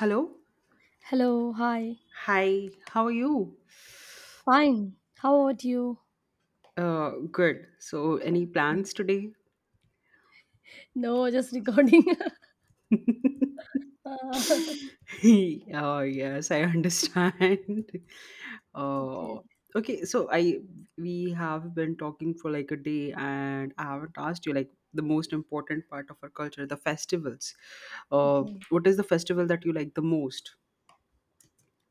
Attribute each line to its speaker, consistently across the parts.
Speaker 1: Hello.
Speaker 2: Hello, hi.
Speaker 1: Hi, how are you?
Speaker 2: Fine. How about you?
Speaker 1: Good. So, any plans today?
Speaker 2: No, just recording. Ah,
Speaker 1: Oh, yes, I understand.
Speaker 2: okay,
Speaker 1: Oh, okay. So, I we have been talking for like a day, and I haven't asked you like the most important part of our culture, the festivals. Uh,
Speaker 2: okay.
Speaker 1: what is the festival that you like the most?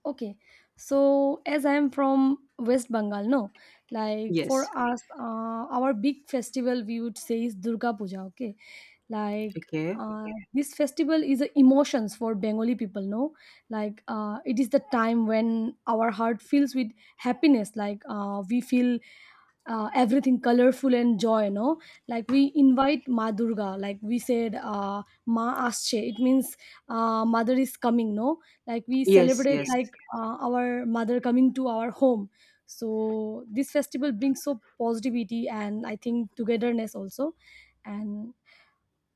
Speaker 2: Okay, so as I am from West Bengal, no, like for
Speaker 1: Yes.
Speaker 2: us, our big festival we would say is Durga Puja. Okay, like
Speaker 1: Okay.
Speaker 2: Okay. this festival is a emotions for Bengali people. No, like it is the time when our heart fills with happiness. Like we feel everything colorful and joy. No, like we invite Ma Durga. Like we said, Ma Asche. It means mother is coming. No, like we
Speaker 1: Yes.
Speaker 2: celebrate,
Speaker 1: Yes.
Speaker 2: yeah, like our mother coming to our home, so this festival brings so positivity, and I think togetherness also. And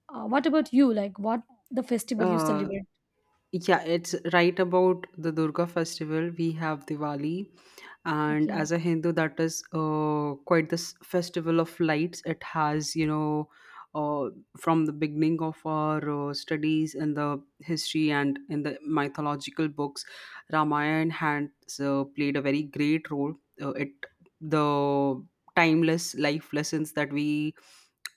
Speaker 2: what about you, like what the festival you
Speaker 1: Uh,
Speaker 2: celebrate?
Speaker 1: Yeah, it's right about the Durga festival. We have Diwali, and
Speaker 2: Okay.
Speaker 1: as a Hindu, that is quite this festival of lights. It has. uh, from the beginning of our studies in the history and in the mythological books, Ramayana has played a very great role. It the timeless life lessons that we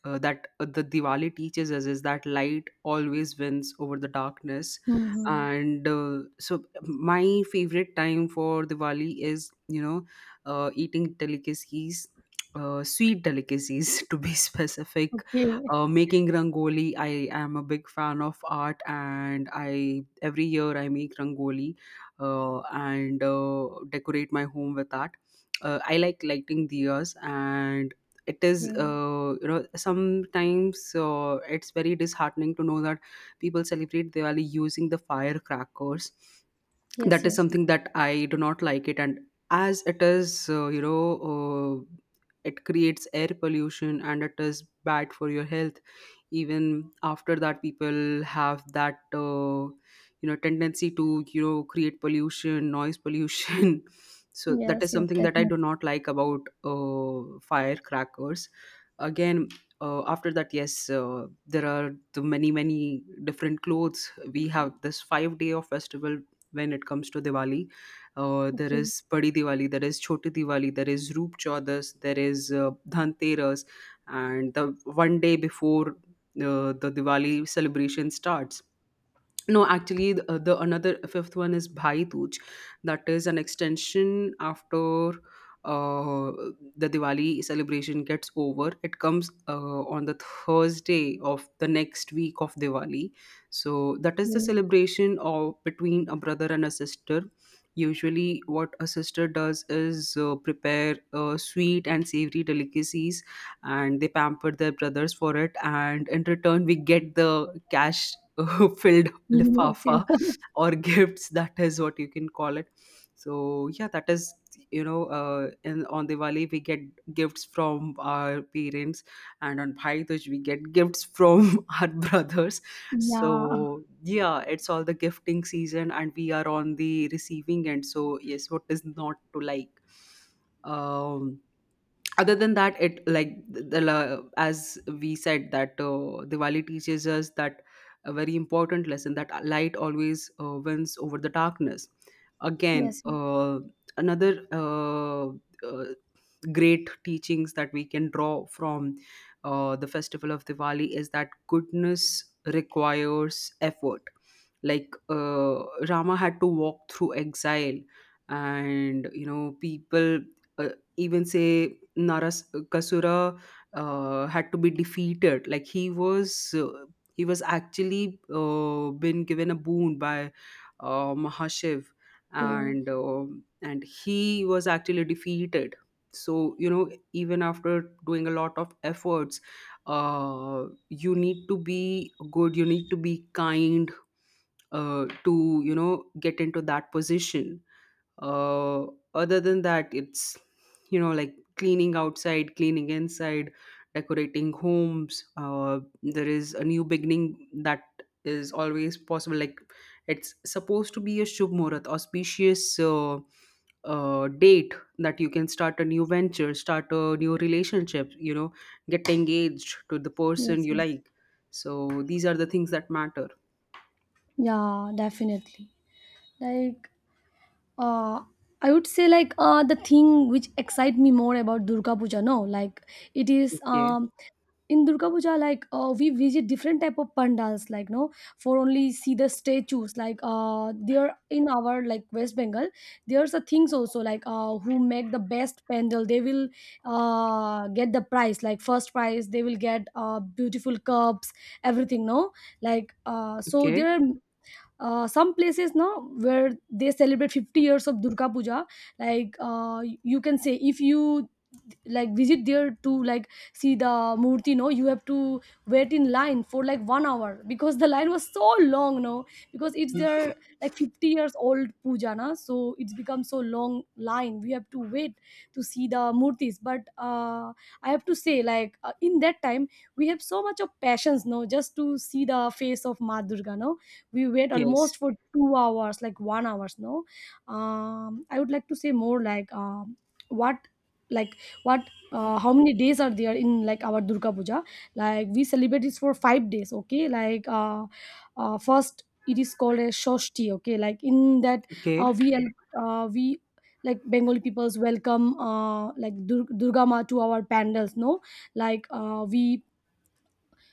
Speaker 1: that the Diwali teaches us is that light always wins over the darkness.
Speaker 2: Hmm.
Speaker 1: And so my favorite time for Diwali is. Eating delicacies. Sweet delicacies to be specific,
Speaker 2: Okay.
Speaker 1: making rangoli. I am a big fan of art, and I every year I make rangoli, and decorate my home with that. I like lighting diyas, and it is
Speaker 2: Okay.
Speaker 1: uh, you know sometimes it's very disheartening to know that people celebrate Diwali using the firecrackers.
Speaker 2: Yes,
Speaker 1: That is
Speaker 2: yes,
Speaker 1: something that I do not like, it and as it is, uh, it creates air pollution, and it is bad for your health. Even after that, people have that, tendency to create pollution, noise pollution. So that is
Speaker 2: yes, yes,
Speaker 1: something that I
Speaker 2: definitely.
Speaker 1: do not like about firecrackers. Again, after that, yes, there are the many different clothes. We have this 5 day of festival when it comes to Diwali. There
Speaker 2: Okay,
Speaker 1: is Padi Diwali, there is Choti Diwali, there is Roop Chaudas, there is Dhanteras, and the one day before the Diwali celebration starts. No, actually, the another fifth one is Bhai Dooj. That is an extension after uh, the Diwali celebration gets over. It comes on the Thursday of the next week of Diwali. So that is the
Speaker 2: okay.
Speaker 1: celebration of between a brother and a sister. Usually, what a sister does is prepare sweet and savory delicacies, and they pamper their brothers for it. And in return, we get the cash. Filled
Speaker 2: Mm-hmm. Yes,
Speaker 1: lifafa
Speaker 2: yes.
Speaker 1: or gifts, that is what you can call it. So yeah, that is, in on Diwali we get gifts from our parents, and on Bhai Dooj we get gifts from our brothers. So
Speaker 2: Yeah,
Speaker 1: yeah, it's all the gifting season, and we are on the receiving end, so yes, what is not to like? um Other than that, it like as we said, that Diwali teaches us that, a very important lesson, that light always wins over the darkness. again
Speaker 2: yes.
Speaker 1: uh, another uh, uh, great teachings that we can draw from the festival of Diwali is that goodness requires effort. Like, Rama had to walk through exile, and you know, people uh, even say Naras Kasura had to be defeated. Like he was. He was actually been given a boon by Mahashiv,
Speaker 2: Okay.
Speaker 1: and he was actually defeated. So you know, even after doing a lot of efforts, you need to be good, you need to be kind, to get into that position. uh, Other than that, it's, you know, like cleaning outside, cleaning inside, decorating homes. There is a new beginning that is always possible, like it's supposed to be a shubh muhurat auspicious date that you can start a new venture, start a new relationship, you know, get engaged to the person
Speaker 2: Yes,
Speaker 1: you
Speaker 2: yes.
Speaker 1: like. So these are the things that matter.
Speaker 2: Yeah, definitely. Like, uh I would say, like, the thing which excite me more about Durga Puja, no, like it is,
Speaker 1: Okay.
Speaker 2: in Durga Puja, like, we visit different type of pandals, like, no, for only see the statues, like there in our like West Bengal. There's a things also, like who make the best pandal, they will get the prize, like first prize they will get beautiful cups, everything, no. Like so
Speaker 1: Okay.
Speaker 2: there are, some places now where they celebrate 50 years of Durga Puja. Like, you can say if you like visit there to like see the murti, no, you have to wait in line for like 1 hour because the line was so long, no, because it's
Speaker 1: Mm,
Speaker 2: their like 50 years old puja, na, so it's become so long line, we have to wait to see the murtis. But I have to say like in that time we have so much of passions, no, just to see the face of Ma Durga, no. We wait almost
Speaker 1: yes.
Speaker 2: for 2 hours, like 1 hours, no. I would like to say more, like, what like what how many days are there in like our Durga Puja? Like we celebrate this for 5 days. Okay, like first it is called as shoshti. Okay, like in that,
Speaker 1: Okay.
Speaker 2: we like Bengali peoples welcome, like durga ma to our pandals, no. Like,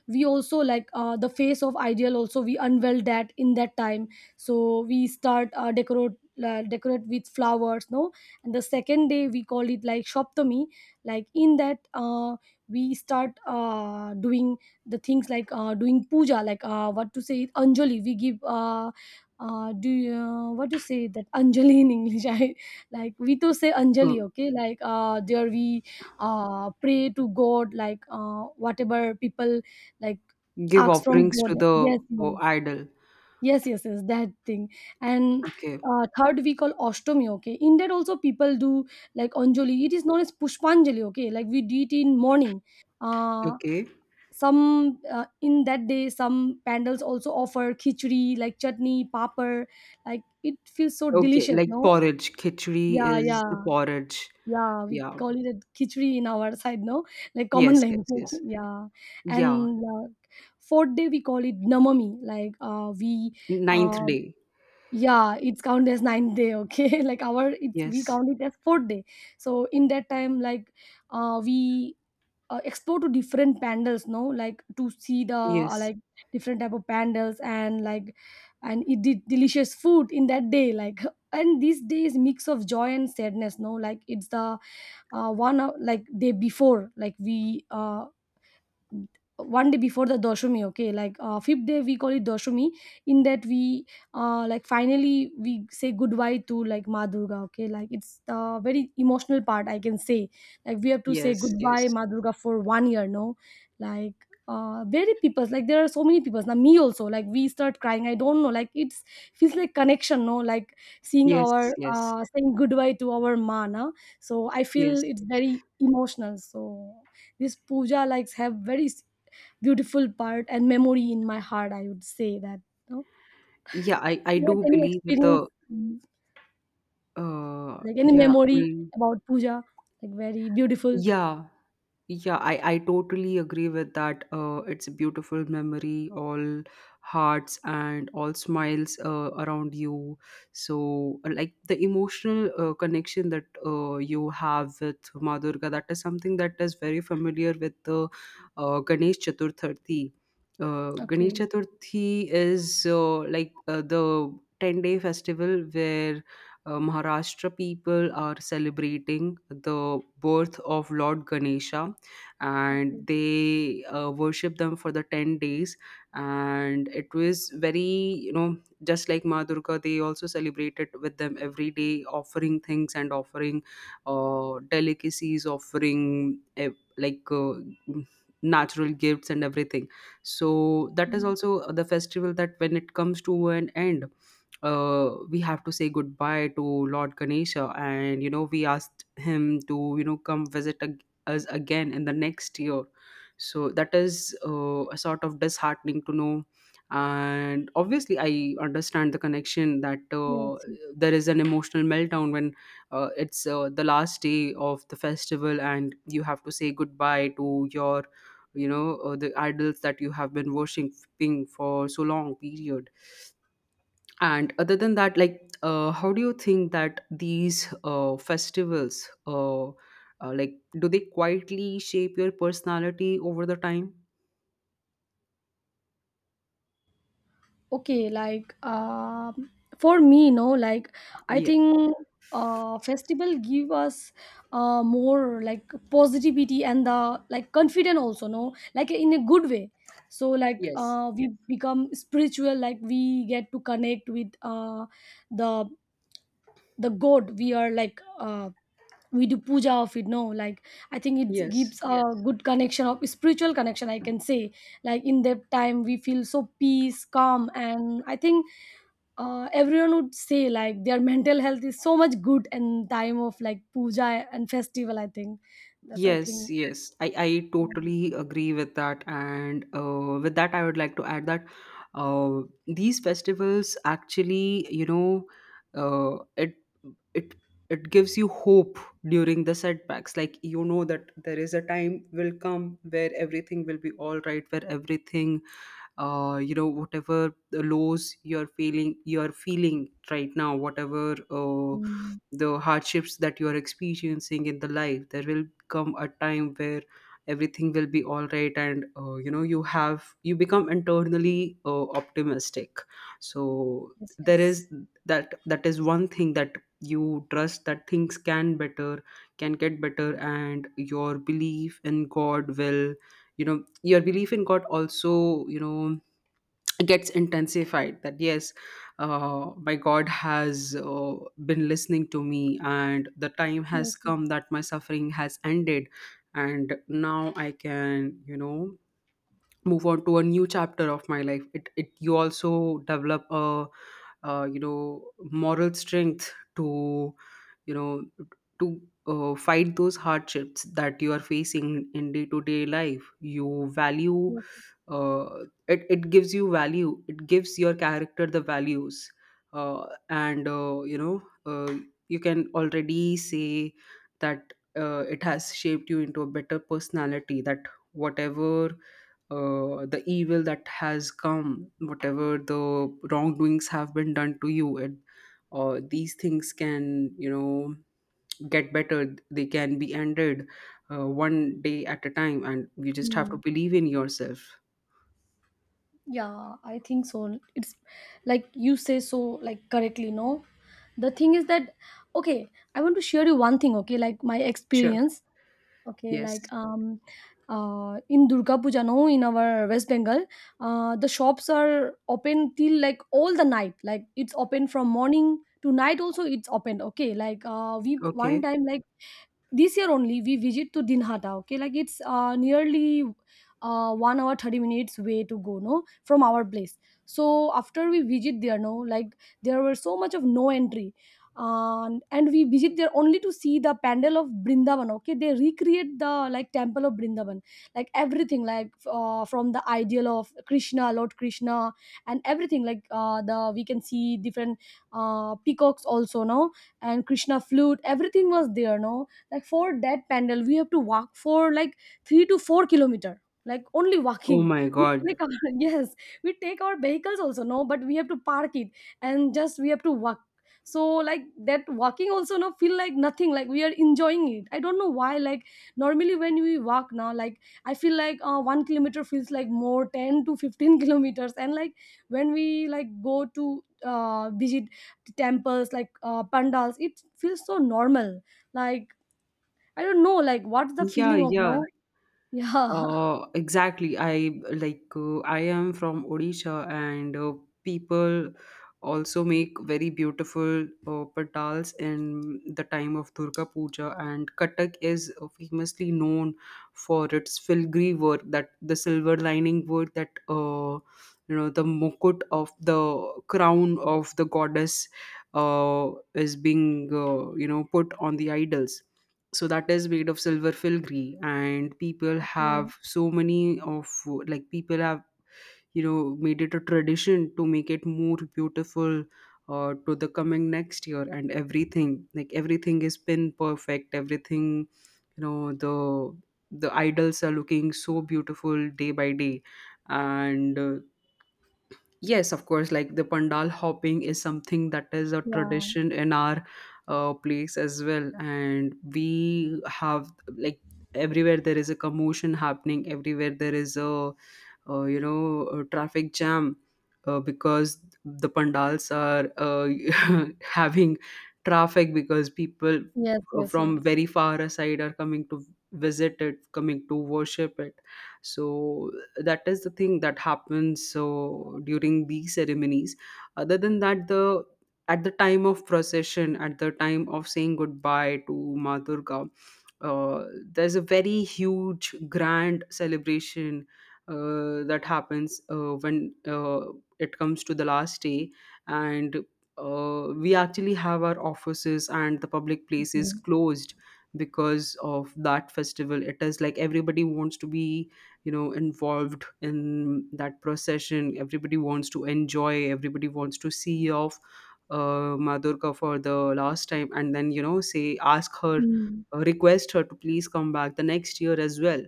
Speaker 2: we also like, the face of ideal also, we unveil that in that time. So we start, decorate with flowers, no. And the second day we call it like shoptomy. Like in that, we start, doing the things, like doing puja, like what to say it, anjali we give, do you, what to say that anjali in English? I, like, we to say anjali.
Speaker 1: Mm.
Speaker 2: Okay, like there we pray to god, like whatever people like
Speaker 1: Give
Speaker 2: arcs from
Speaker 1: offerings to
Speaker 2: border.
Speaker 1: the
Speaker 2: Yes, yes,
Speaker 1: oh, idol.
Speaker 2: yes, yes, yes, that thing. And
Speaker 1: Okay,
Speaker 2: third we call Ashtami. Okay, in that also people do like Anjali. It is known as Pushpanjali. Okay, like we do it in morning. Uh,
Speaker 1: okay,
Speaker 2: some In that day, some pandals also offer khichdi, like chutney papar, like it feels so
Speaker 1: okay.
Speaker 2: delicious,
Speaker 1: Like
Speaker 2: no.
Speaker 1: porridge. Khichdi
Speaker 2: Yeah,
Speaker 1: is
Speaker 2: yeah.
Speaker 1: the porridge.
Speaker 2: Yeah, we
Speaker 1: Yeah.
Speaker 2: call it a khichdi in our side, no? Like common
Speaker 1: Yes, yes,
Speaker 2: language.
Speaker 1: yes.
Speaker 2: Yeah.
Speaker 1: Yeah.
Speaker 2: And fourth day we call it namami. Like, we
Speaker 1: Ninth
Speaker 2: uh,
Speaker 1: day.
Speaker 2: yeah, it's count as ninth day, okay? Like our, it's, we
Speaker 1: Yes,
Speaker 2: count it as fourth day. So in that time, like, we explore to different pandals, no? Like to see the
Speaker 1: yes,
Speaker 2: like different type of pandals, and like, and eat the delicious food in that day, like and this day is mix of joy and sadness, no? Like it's the, 1 hour like day before, like we, one day before the doshami. Okay, like fifth day we call it doshami. In that we, like finally we say goodbye to, like, Ma Durga. Okay, like it's the very emotional part, I can say. Like we have to say
Speaker 1: yes,
Speaker 2: goodbye
Speaker 1: yes,
Speaker 2: Ma Durga for 1 year, no. Like very people, like there are so many people now, me also, like we start crying, I don't know, like it's feels like connection, no, like seeing
Speaker 1: yes,
Speaker 2: our
Speaker 1: yes,
Speaker 2: saying goodbye to our ma, na. So I feel
Speaker 1: yes.
Speaker 2: it's very emotional. So this puja likes have very beautiful part and memory in my heart. I would say that. No,
Speaker 1: Yeah, I
Speaker 2: you have
Speaker 1: do
Speaker 2: any
Speaker 1: believe with
Speaker 2: experience,
Speaker 1: the
Speaker 2: mm,
Speaker 1: uh
Speaker 2: like any
Speaker 1: yeah. I
Speaker 2: memory
Speaker 1: mean
Speaker 2: about puja, like very beautiful?
Speaker 1: yeah. Yeah, I totally agree with that. It's a beautiful memory, all hearts and all smiles around you. So, like the emotional connection that you have with Ma Durga, that is something that is very familiar with the Ganesh Chaturthi. Ganesh
Speaker 2: Okay,
Speaker 1: Chaturthi is the 10-day festival where Maharashtra people are celebrating the birth of Lord Ganesha, and
Speaker 2: okay,
Speaker 1: they worship them for the 10 days. And it was very, you know, just like Ma Durga, they also celebrated with them every day, offering things and offering delicacies, offering like uh, natural gifts and everything. So that is
Speaker 2: mm,
Speaker 1: also the festival that, when it comes to an end, we have to say goodbye to Lord Ganesha, and you know, we asked him to, you know, come visit us again in the next year. So that is a sort of disheartening to know. And obviously I understand the connection that,
Speaker 2: yes. Yes.
Speaker 1: there is an emotional meltdown when it's the last day of the festival, and you have to say goodbye to your, you know, the idols that you have been worshiping for so long period. And other than that, like, how do you think that these festivals, like, do they quietly shape your personality over the time?
Speaker 2: Okay, like, for me, no, like I
Speaker 1: Yeah.
Speaker 2: think festival give us more like positivity, and the like confident also, no, like in a good way. So like
Speaker 1: Yes.
Speaker 2: we become spiritual, like we get to connect with the god we are, like, we do puja of it, no. Like I think it
Speaker 1: Yes.
Speaker 2: gives a, yes, good connection of spiritual connection, I can say. Like in that time we feel so peace, calm, and I think, everyone would say like their mental health is so much good in time of like puja and festival, I think. That's, I
Speaker 1: Yes,
Speaker 2: think.
Speaker 1: yes, I totally agree with that. And with that, I would like to add that uh, these festivals actually, you know, uh, it it it gives you hope during the setbacks. Like you know that there is a time will come where everything will be all right, where everything, whatever the lows you're feeling right now, whatever
Speaker 2: Mm.
Speaker 1: the hardships that you're experiencing in the life, there will come a time where everything will be all right. And you have you become internally optimistic. So
Speaker 2: Yes,
Speaker 1: there is
Speaker 2: yes.
Speaker 1: that, is one thing, that you trust that things can get better. And your belief in god will, you know, your belief in god also, you know, gets intensified, that yes, my god has been listening to me, and the time has
Speaker 2: Yes, yes,
Speaker 1: come that my suffering has ended, and now I can, you know, move on to a new chapter of my life. It, you also develop a moral strength to, you know, to fight those hardships that you are facing in day to day life. You value,
Speaker 2: yes.
Speaker 1: uh, it gives you value, it gives your character the values. And you know You can already say that it has shaped you into a better personality, that whatever the evil that has come, whatever the wrongdoings have been done to you, these things can, you know, get better. They can be ended one day at a time, and you just have to
Speaker 2: Mm.
Speaker 1: believe in yourself.
Speaker 2: Yeah, I think so, it's like you say so like correctly, no. The thing is that, okay, I want to share you one thing, okay, like my
Speaker 1: Sure.
Speaker 2: experience. Okay, like,
Speaker 1: Yes.
Speaker 2: in Durga Puja, no, in our West Bengal, the shops are open till like all the night. Like it's open from morning to night. Also, it's open. Okay, like we one
Speaker 1: Okay.
Speaker 2: time, like this year only we visit to Dinhata. Okay, like it's, nearly, 1 hour 30 minutes way to go, no, from our place. So after we visit there, no, like there were so much of no entry, and we visit there only to see the pandal of Brindavan. Okay, they recreate the like temple of Brindavan, like everything, like from the ideal of Krishna, Lord Krishna, and everything. Like the we can see different peacocks also, no, and Krishna flute. Everything was there, no. Like for that pandal we have to walk for like 3 to 4 kilometer, like only
Speaker 1: Oh
Speaker 2: walking.
Speaker 1: my
Speaker 2: We
Speaker 1: God.
Speaker 2: take our, yes, we take our vehicles also, no, but we have to park it, and just we have to walk. So like that walking also no feel like nothing, like we are enjoying it, I don't know why. Like normally when we walk now, like I feel like, 1 kilometer feels like more 10 to 15 kilometers, and like when we like go to, visit temples, like pandals, it feels so normal. Like, I don't know, like, what's the
Speaker 1: Yeah,
Speaker 2: feeling of now?
Speaker 1: yeah.
Speaker 2: Yeah.
Speaker 1: Exactly. I Like I am from Odisha, and people also make very beautiful patals in the time of Durga Puja. And Katak is famously known for its filigree work, that the silver lining work, that the mukut of the crown of the goddess is being, put on the idols. So that is made of silver filigree, and people
Speaker 2: Okay.
Speaker 1: have so many of, like people have, you know, made it a tradition to make it more beautiful to the coming next year, and everything, like everything is pin perfect, everything, you know, the idols are looking so beautiful day by day. And yes, of course. Like the pandal hopping is something that is a
Speaker 2: Yeah.
Speaker 1: tradition in our place as well. And we have, like, everywhere there is a commotion happening, everywhere there is a traffic jam, because the pandals are having traffic because people
Speaker 2: Yes, yes, yes.
Speaker 1: from very far aside are coming to visit it, coming to worship it. So that is the thing that happens so during these ceremonies. Other than that, the at the time of procession, at the time of saying goodbye to madurga uh, there's a very huge grand celebration that happens when it comes to the last day. And we actually have our offices and the public places
Speaker 2: Okay.
Speaker 1: closed because of that festival. It is like everybody wants to be, you know, involved in that procession, everybody wants to enjoy, everybody wants to see off madurka for the last time, and then, you know, say, ask her
Speaker 2: Mm.
Speaker 1: request her to please come back the next year as well,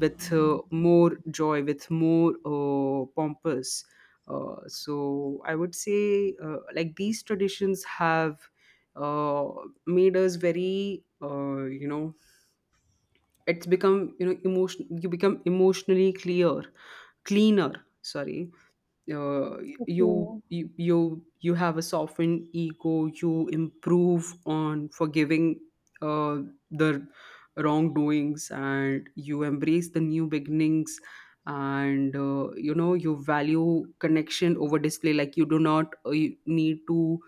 Speaker 1: with more joy, with more pompous. So I would say, like these traditions have uh, made us very, it's become, emotion. You become emotionally clear, cleaner. Sorry, uh, you
Speaker 2: Okay.
Speaker 1: you you you have a softened ego, you improve on forgiving uh, the wrongdoings, and you embrace the new beginnings. And you know, you value connection over display. Like, you do not you need to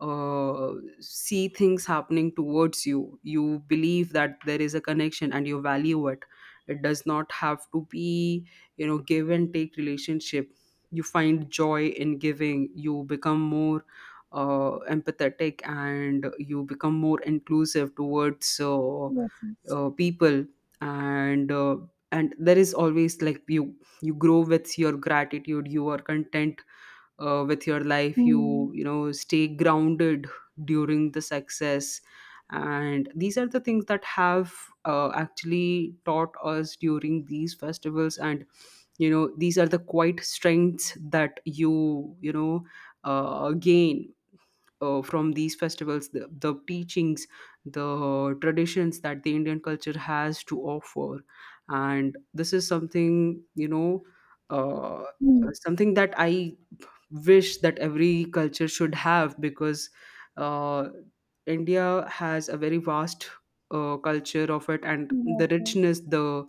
Speaker 1: uh, see things happening towards you. You believe that there is a connection and you value it. It does not have to be, give and take relationship. You find joy in giving, you become more empathetic, and you become more inclusive towards
Speaker 2: Yes, yes.
Speaker 1: people. And uh, and there is always, like, you grow with your gratitude, you are content with your life.
Speaker 2: Mm.
Speaker 1: You know stay grounded during the success. And these are the things that have actually taught us during these festivals. And, these are the quiet strengths that you know gain from these festivals, the teachings, the traditions that the Indian culture has to offer. And this is something, uh,
Speaker 2: Mm.
Speaker 1: something that I wish that every culture should have, because uh, India has a very vast culture of it, and
Speaker 2: Yes,
Speaker 1: the
Speaker 2: yes.
Speaker 1: richness, the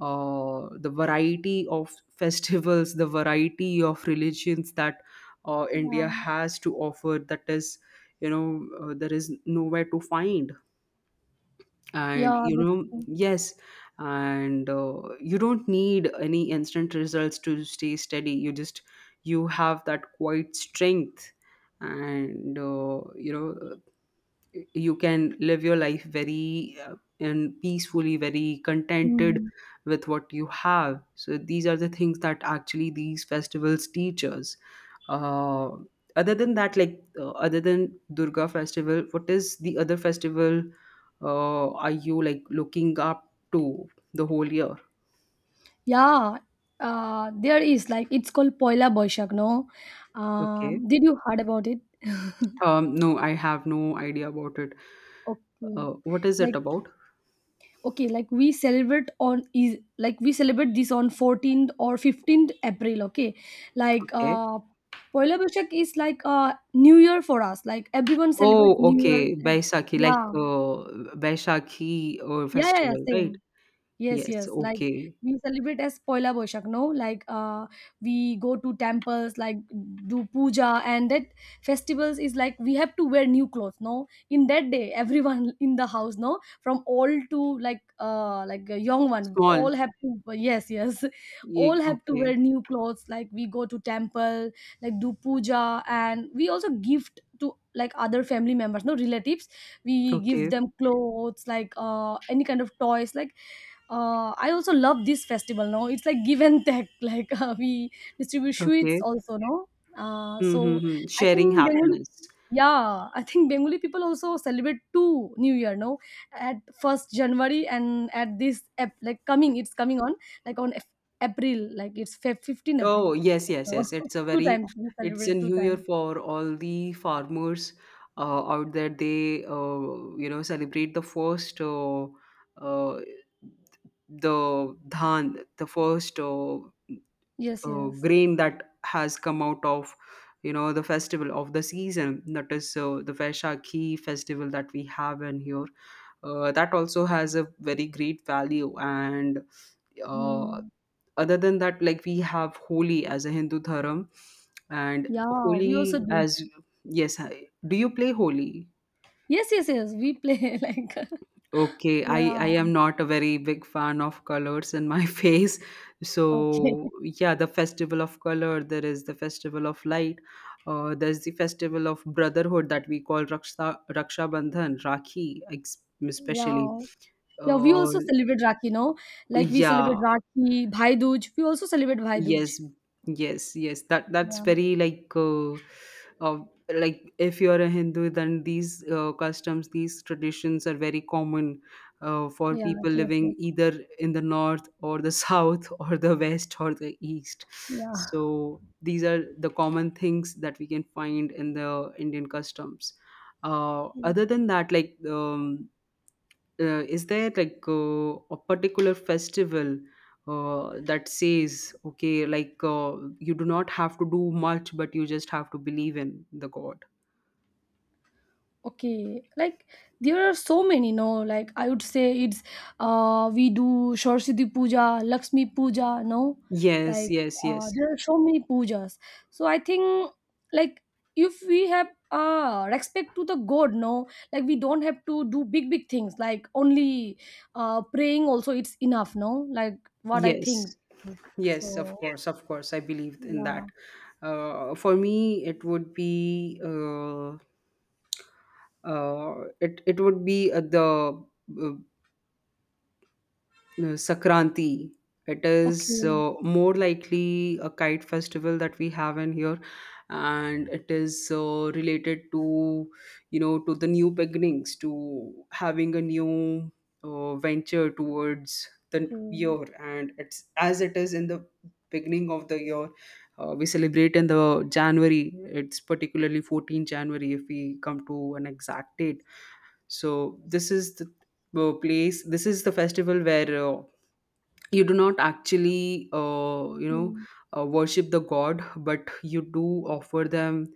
Speaker 1: uh, the variety of festivals, the variety of religions that
Speaker 2: Yeah.
Speaker 1: India has to offer, that is, there is nowhere to find. And,
Speaker 2: Yeah. That's true.
Speaker 1: yes, and you don't need any instant results to stay steady. You just, you have that quiet strength, and, you can live your life very and peacefully, very contented
Speaker 2: Mm.
Speaker 1: with what you have. So these are the things that actually these festivals teach us. uh, Other than that, like, other than Durga festival, what is the other festival are you like looking up to the whole year?
Speaker 2: Yeah. There is, like, it's called Poila Boishak, no?
Speaker 1: Okay.
Speaker 2: Did you heard about it?
Speaker 1: No, I have no idea about it.
Speaker 2: Okay.
Speaker 1: What is it
Speaker 2: Like.
Speaker 1: about?
Speaker 2: Okay, like we celebrate this on 14th or 15th April. Okay, like
Speaker 1: Okay.
Speaker 2: Poila Boishak is like, New Year for us. Like everyone celebrates
Speaker 1: Oh,
Speaker 2: New Year.
Speaker 1: okay. Baisakhi, like,
Speaker 2: Yeah,
Speaker 1: Baisakhi or
Speaker 2: yeah, yeah, yeah,
Speaker 1: festival, right?
Speaker 2: same. Yes,
Speaker 1: Yes,
Speaker 2: yes. Like
Speaker 1: okay.
Speaker 2: we celebrate as Poila Boishak, no? Like we go to temples, like do puja, and that festivals is like we have to wear new clothes, no? In that day, everyone in the house, no, from old to like, like a young one, all
Speaker 1: Small.
Speaker 2: have to, yes, yes, all have to
Speaker 1: Okay,
Speaker 2: wear new clothes. Like we go to temple, like do puja, and we also gift to like other family members, no, relatives. We give
Speaker 1: okay,
Speaker 2: them clothes, like any kind of toys, like, I also love this festival. No, it's like give and take. Like, we distribute sweets
Speaker 1: okay.
Speaker 2: also. No, so
Speaker 1: Mm-hmm.
Speaker 2: I
Speaker 1: Sharing
Speaker 2: think Bengali,
Speaker 1: happiness.
Speaker 2: yeah, I think Bengali people also celebrate two New Year. No, at first January and at this like coming, it's coming on like on April. Like it's 15 April.
Speaker 1: Oh, yes, yes,
Speaker 2: So
Speaker 1: yes.
Speaker 2: two times we
Speaker 1: It's a
Speaker 2: celebrate, two
Speaker 1: new year
Speaker 2: times.
Speaker 1: for all the farmers out there. They, celebrate the first, uh, the dhan, the first
Speaker 2: Yes, yes.
Speaker 1: grain that has come out of, the festival of the season, that is the Vaishakhi festival that we have in here. That also has a very great value. And uh,
Speaker 2: Hmm.
Speaker 1: other than that, like, we have Holi as a Hindu dharam, and
Speaker 2: Yeah, we also
Speaker 1: Holi
Speaker 2: do.
Speaker 1: as, yes, do you play Holi?
Speaker 2: Yes, yes, yes. We play like,
Speaker 1: Okay, I
Speaker 2: yeah.
Speaker 1: am not a very big fan of colors in my face. So
Speaker 2: Okay.
Speaker 1: yeah, the festival of color, there is the festival of light, there's the festival of brotherhood that we call Raksha Bandhan, Rakhi, especially.
Speaker 2: Yeah. Yeah, we
Speaker 1: Uh,
Speaker 2: also celebrate Rakhi, no? Like we
Speaker 1: yeah,
Speaker 2: celebrate Rakhi, Bhai Dooj. We also celebrate Bhai Dooj.
Speaker 1: yes, yes, yes. That's
Speaker 2: Yeah.
Speaker 1: very, like, uh, like, if you're a Hindu, then these customs, these traditions are very common for
Speaker 2: Yes,
Speaker 1: people
Speaker 2: yes,
Speaker 1: living
Speaker 2: yes.
Speaker 1: either in the north or the south or the west or the east. So these are the common things that we can find in the Indian customs.
Speaker 2: Yeah.
Speaker 1: Other than that, like, is there, like, a particular festival that says, okay, like, you do not have to do much, but you just have to believe in the god?
Speaker 2: Okay, like there are so many, no? Like I would say it's, we do Saraswati Puja, Lakshmi Puja, no?
Speaker 1: Yes,
Speaker 2: Like,
Speaker 1: yes, yes,
Speaker 2: there are so many pujas. So I think like if we have respect to the god, no? Like we don't have to do big big things. Like only praying also it's enough, no? Like what I think.
Speaker 1: yes, yes, of
Speaker 2: So
Speaker 1: course, of course, I believe in
Speaker 2: yeah.
Speaker 1: that. For me, it would be it would be the uh, no, Sakranti. It is
Speaker 2: Okay.
Speaker 1: more likely a kite festival that we have in here, and it is related to, to the new beginnings, to having a new venture towards the
Speaker 2: Okay.
Speaker 1: year, and it's as it is in the beginning of the year. We celebrate in the January. It's particularly 14 January if we come to an exact date. So this is the place. This is the festival where. You do not actually
Speaker 2: Okay.
Speaker 1: worship the god, but you do offer them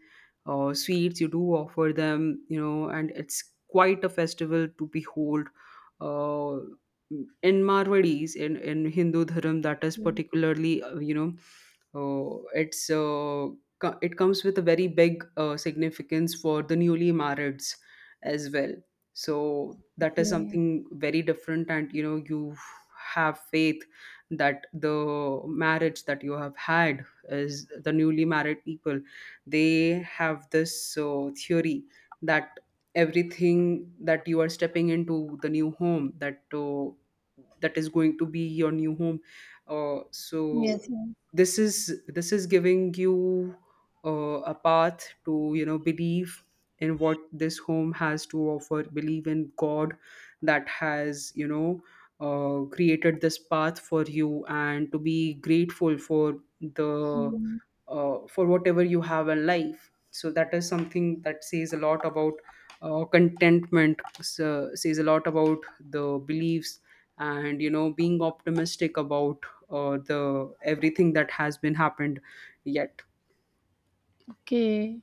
Speaker 1: sweets, you do offer them, you know, and it's quite a festival to behold uh, in marwadis, in Hindu dharam, that is particularly it's it comes with a very big significance for the newly marrieds as well. So that is
Speaker 2: Okay.
Speaker 1: something very different, and you know you have faith that the marriage that you have had is the newly married people, they have this theory that everything that you are stepping into the new home, that is going to be your new home. So
Speaker 2: Yes.
Speaker 1: this is giving you a path to, you know, believe in what this home has to offer, believe in god that has, you know, created this path for you, and to be grateful for the
Speaker 2: Yes.
Speaker 1: for whatever you have in life. So that is something that says a lot about contentment, says a lot about the beliefs, and you know being optimistic about the everything that has been happened yet.
Speaker 2: Okay,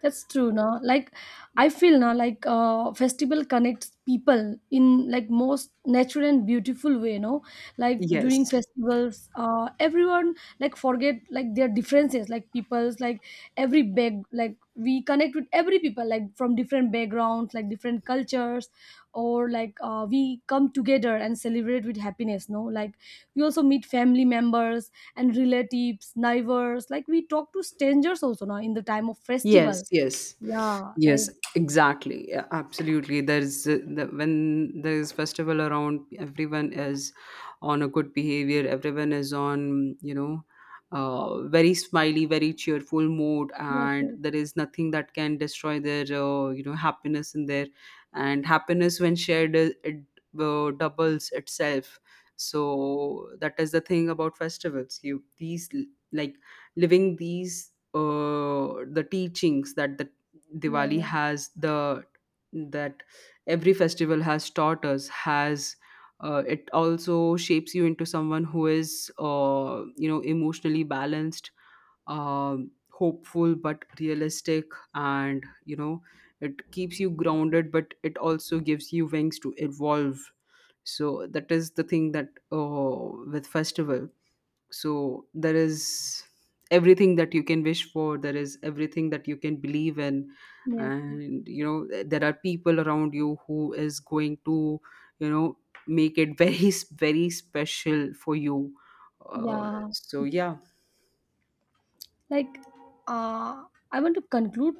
Speaker 2: that's true. No, like I feel now, like festival connects people in like most natural and beautiful way. No, like during
Speaker 1: Yes.
Speaker 2: festivals, everyone like forget like their differences. Like people's like every bag, like we connect with every people like from different backgrounds, like different cultures, or like we come together and celebrate with happiness. No, like we also meet family members and relatives, neighbors. Like we talk to strangers also now in the time of
Speaker 1: Yes,
Speaker 2: festival.
Speaker 1: yes,
Speaker 2: Yeah, like,
Speaker 1: yes, exactly. Yeah, absolutely. When there's festival around, everyone is on a good behavior. Everyone is on, very smiley, very cheerful mood,
Speaker 2: yes,
Speaker 1: and
Speaker 2: yes,
Speaker 1: there is nothing that can destroy their, happiness in there. And happiness when shared, it doubles itself. So that is the thing about festivals. You these like living these the teachings that the
Speaker 2: yeah,
Speaker 1: Diwali
Speaker 2: yeah,
Speaker 1: has, the that every festival has taught us has it also shapes you into someone who is you know emotionally balanced, hopeful but realistic, and you know it keeps you grounded, but it also gives you wings to evolve. So that is the thing that with festival. So there is everything that you can wish for, there is everything that you can believe in,
Speaker 2: yes,
Speaker 1: and you know there are people around you who is going to, you know, make it very very special for you.
Speaker 2: yeah.
Speaker 1: So yeah,
Speaker 2: Like, uh, I want to conclude,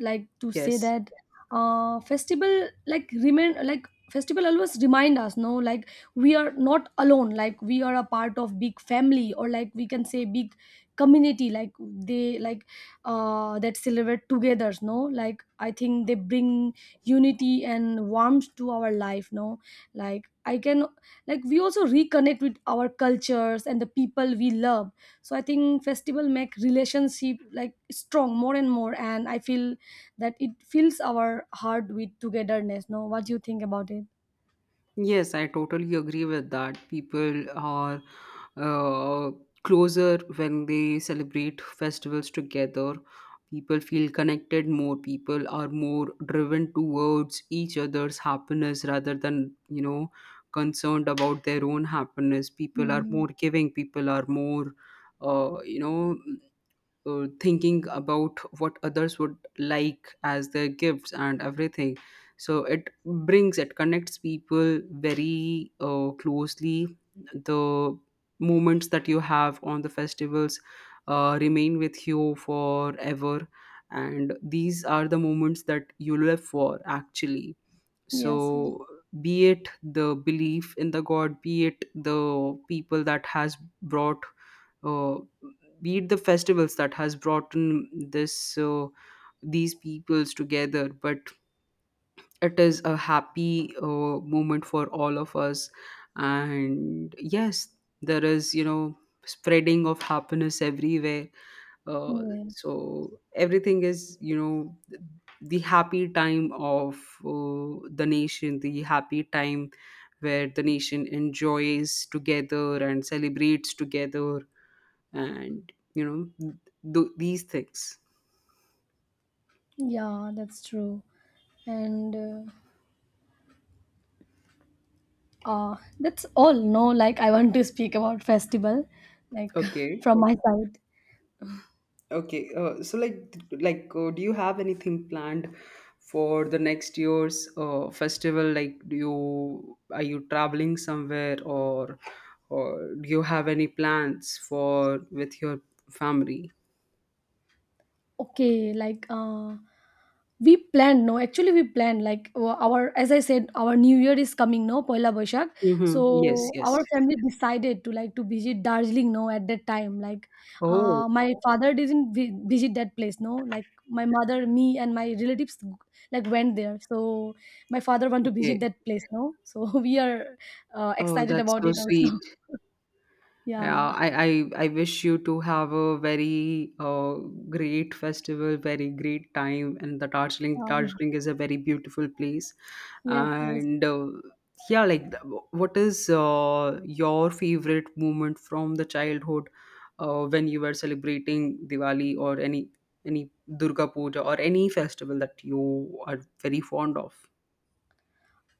Speaker 2: like to say
Speaker 1: yes.
Speaker 2: that, festival always remind us, no, like we are not alone, like we are a part of big family, or like we can say big community, like they like, that celebrate together, no. Like I think they bring unity and warmth to our life, no. Like I can, like, we also reconnect with our cultures and the people we love. So I think festival make relationship like strong, more and more, and I feel that it fills our heart with togetherness, no. What do you think about it?
Speaker 1: Yes, I totally agree with that. People are uh, closer when they celebrate festivals together. People feel connected more. People are more driven towards each other's happiness rather than, you know, concerned about their own happiness. People are
Speaker 2: Mm.
Speaker 1: more giving. People are more, uh, you know, thinking about what others would like as their gifts, and everything. So it brings, it connects people very closely. The moments that you have on the festivals remain with you forever, and these are the moments that you live for, actually.
Speaker 2: Yes, yes.
Speaker 1: So, be it the belief in the god, be it the people that has brought uh, be it the festivals that has brought in this these peoples together, but it is a happy moment for all of us. And yes, there is, you know, spreading of happiness everywhere. uh,
Speaker 2: Yeah,
Speaker 1: so everything is, you know, the happy time of the nation, the happy time where the nation enjoys together and celebrates together. And you know these things.
Speaker 2: yeah, that's true. And, that's all, no, like I want to speak about festival, like
Speaker 1: Okay.
Speaker 2: from my side.
Speaker 1: Okay, so like, do you have anything planned for the next year's festival? Like, do you are you traveling somewhere, or do you have any plans for with your family?
Speaker 2: Okay, like we planned, no, actually we planned like, our, as I said, our New Year is coming, no, Poila Boishak. So,
Speaker 1: Mm-hmm. Yes,
Speaker 2: mhm,
Speaker 1: yes.
Speaker 2: our family decided to like to visit Darjeeling, no, at that time. Like,
Speaker 1: Oh,
Speaker 2: my father didn't vi visit that place, no. Like my mother, me, and my relatives like went there. So my father want to visit
Speaker 1: okay.
Speaker 2: that place, no. So we are
Speaker 1: Oh,
Speaker 2: excited
Speaker 1: that's
Speaker 2: about
Speaker 1: so
Speaker 2: it also.
Speaker 1: sweet. Yeah,
Speaker 2: Yeah.
Speaker 1: I wish you to have a very great festival, very great time. And the
Speaker 2: Um,
Speaker 1: Darjeeling is a very beautiful place.
Speaker 2: yes. Yes.
Speaker 1: And Yeah, like what is your favorite moment from the childhood when you were celebrating Diwali or any Durga Puja or any festival that you are very fond of?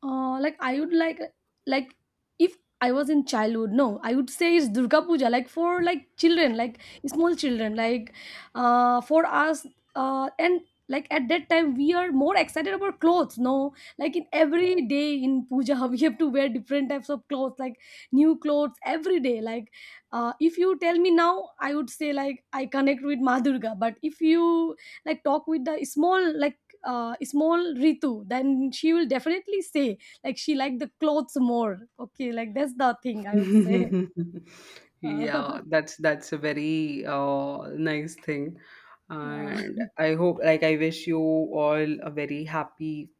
Speaker 2: Like I would like, like if I was in childhood, no, I would say it's Durga Puja, like for like children, like small children, like for us, and like at that time we are more excited about clothes, no? Like in every day in puja we have to wear different types of clothes, like new clothes every day. Like if you tell me now, I would say like I connect with Madurga, but if you like talk with the small, like small Ritu, then she will definitely say like she liked the clothes more. Okay, like that's the thing I would say.
Speaker 1: Yeah,
Speaker 2: Uh,
Speaker 1: that's a very nice thing.
Speaker 2: yeah,
Speaker 1: And I hope, like, I wish you all a very happy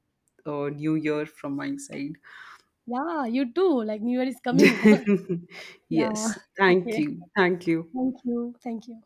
Speaker 1: new year from my side.
Speaker 2: yeah, you too. Like New Year is coming. Yeah.
Speaker 1: Yes, thank
Speaker 2: Okay.
Speaker 1: you. Thank you.
Speaker 2: Thank you. Thank you.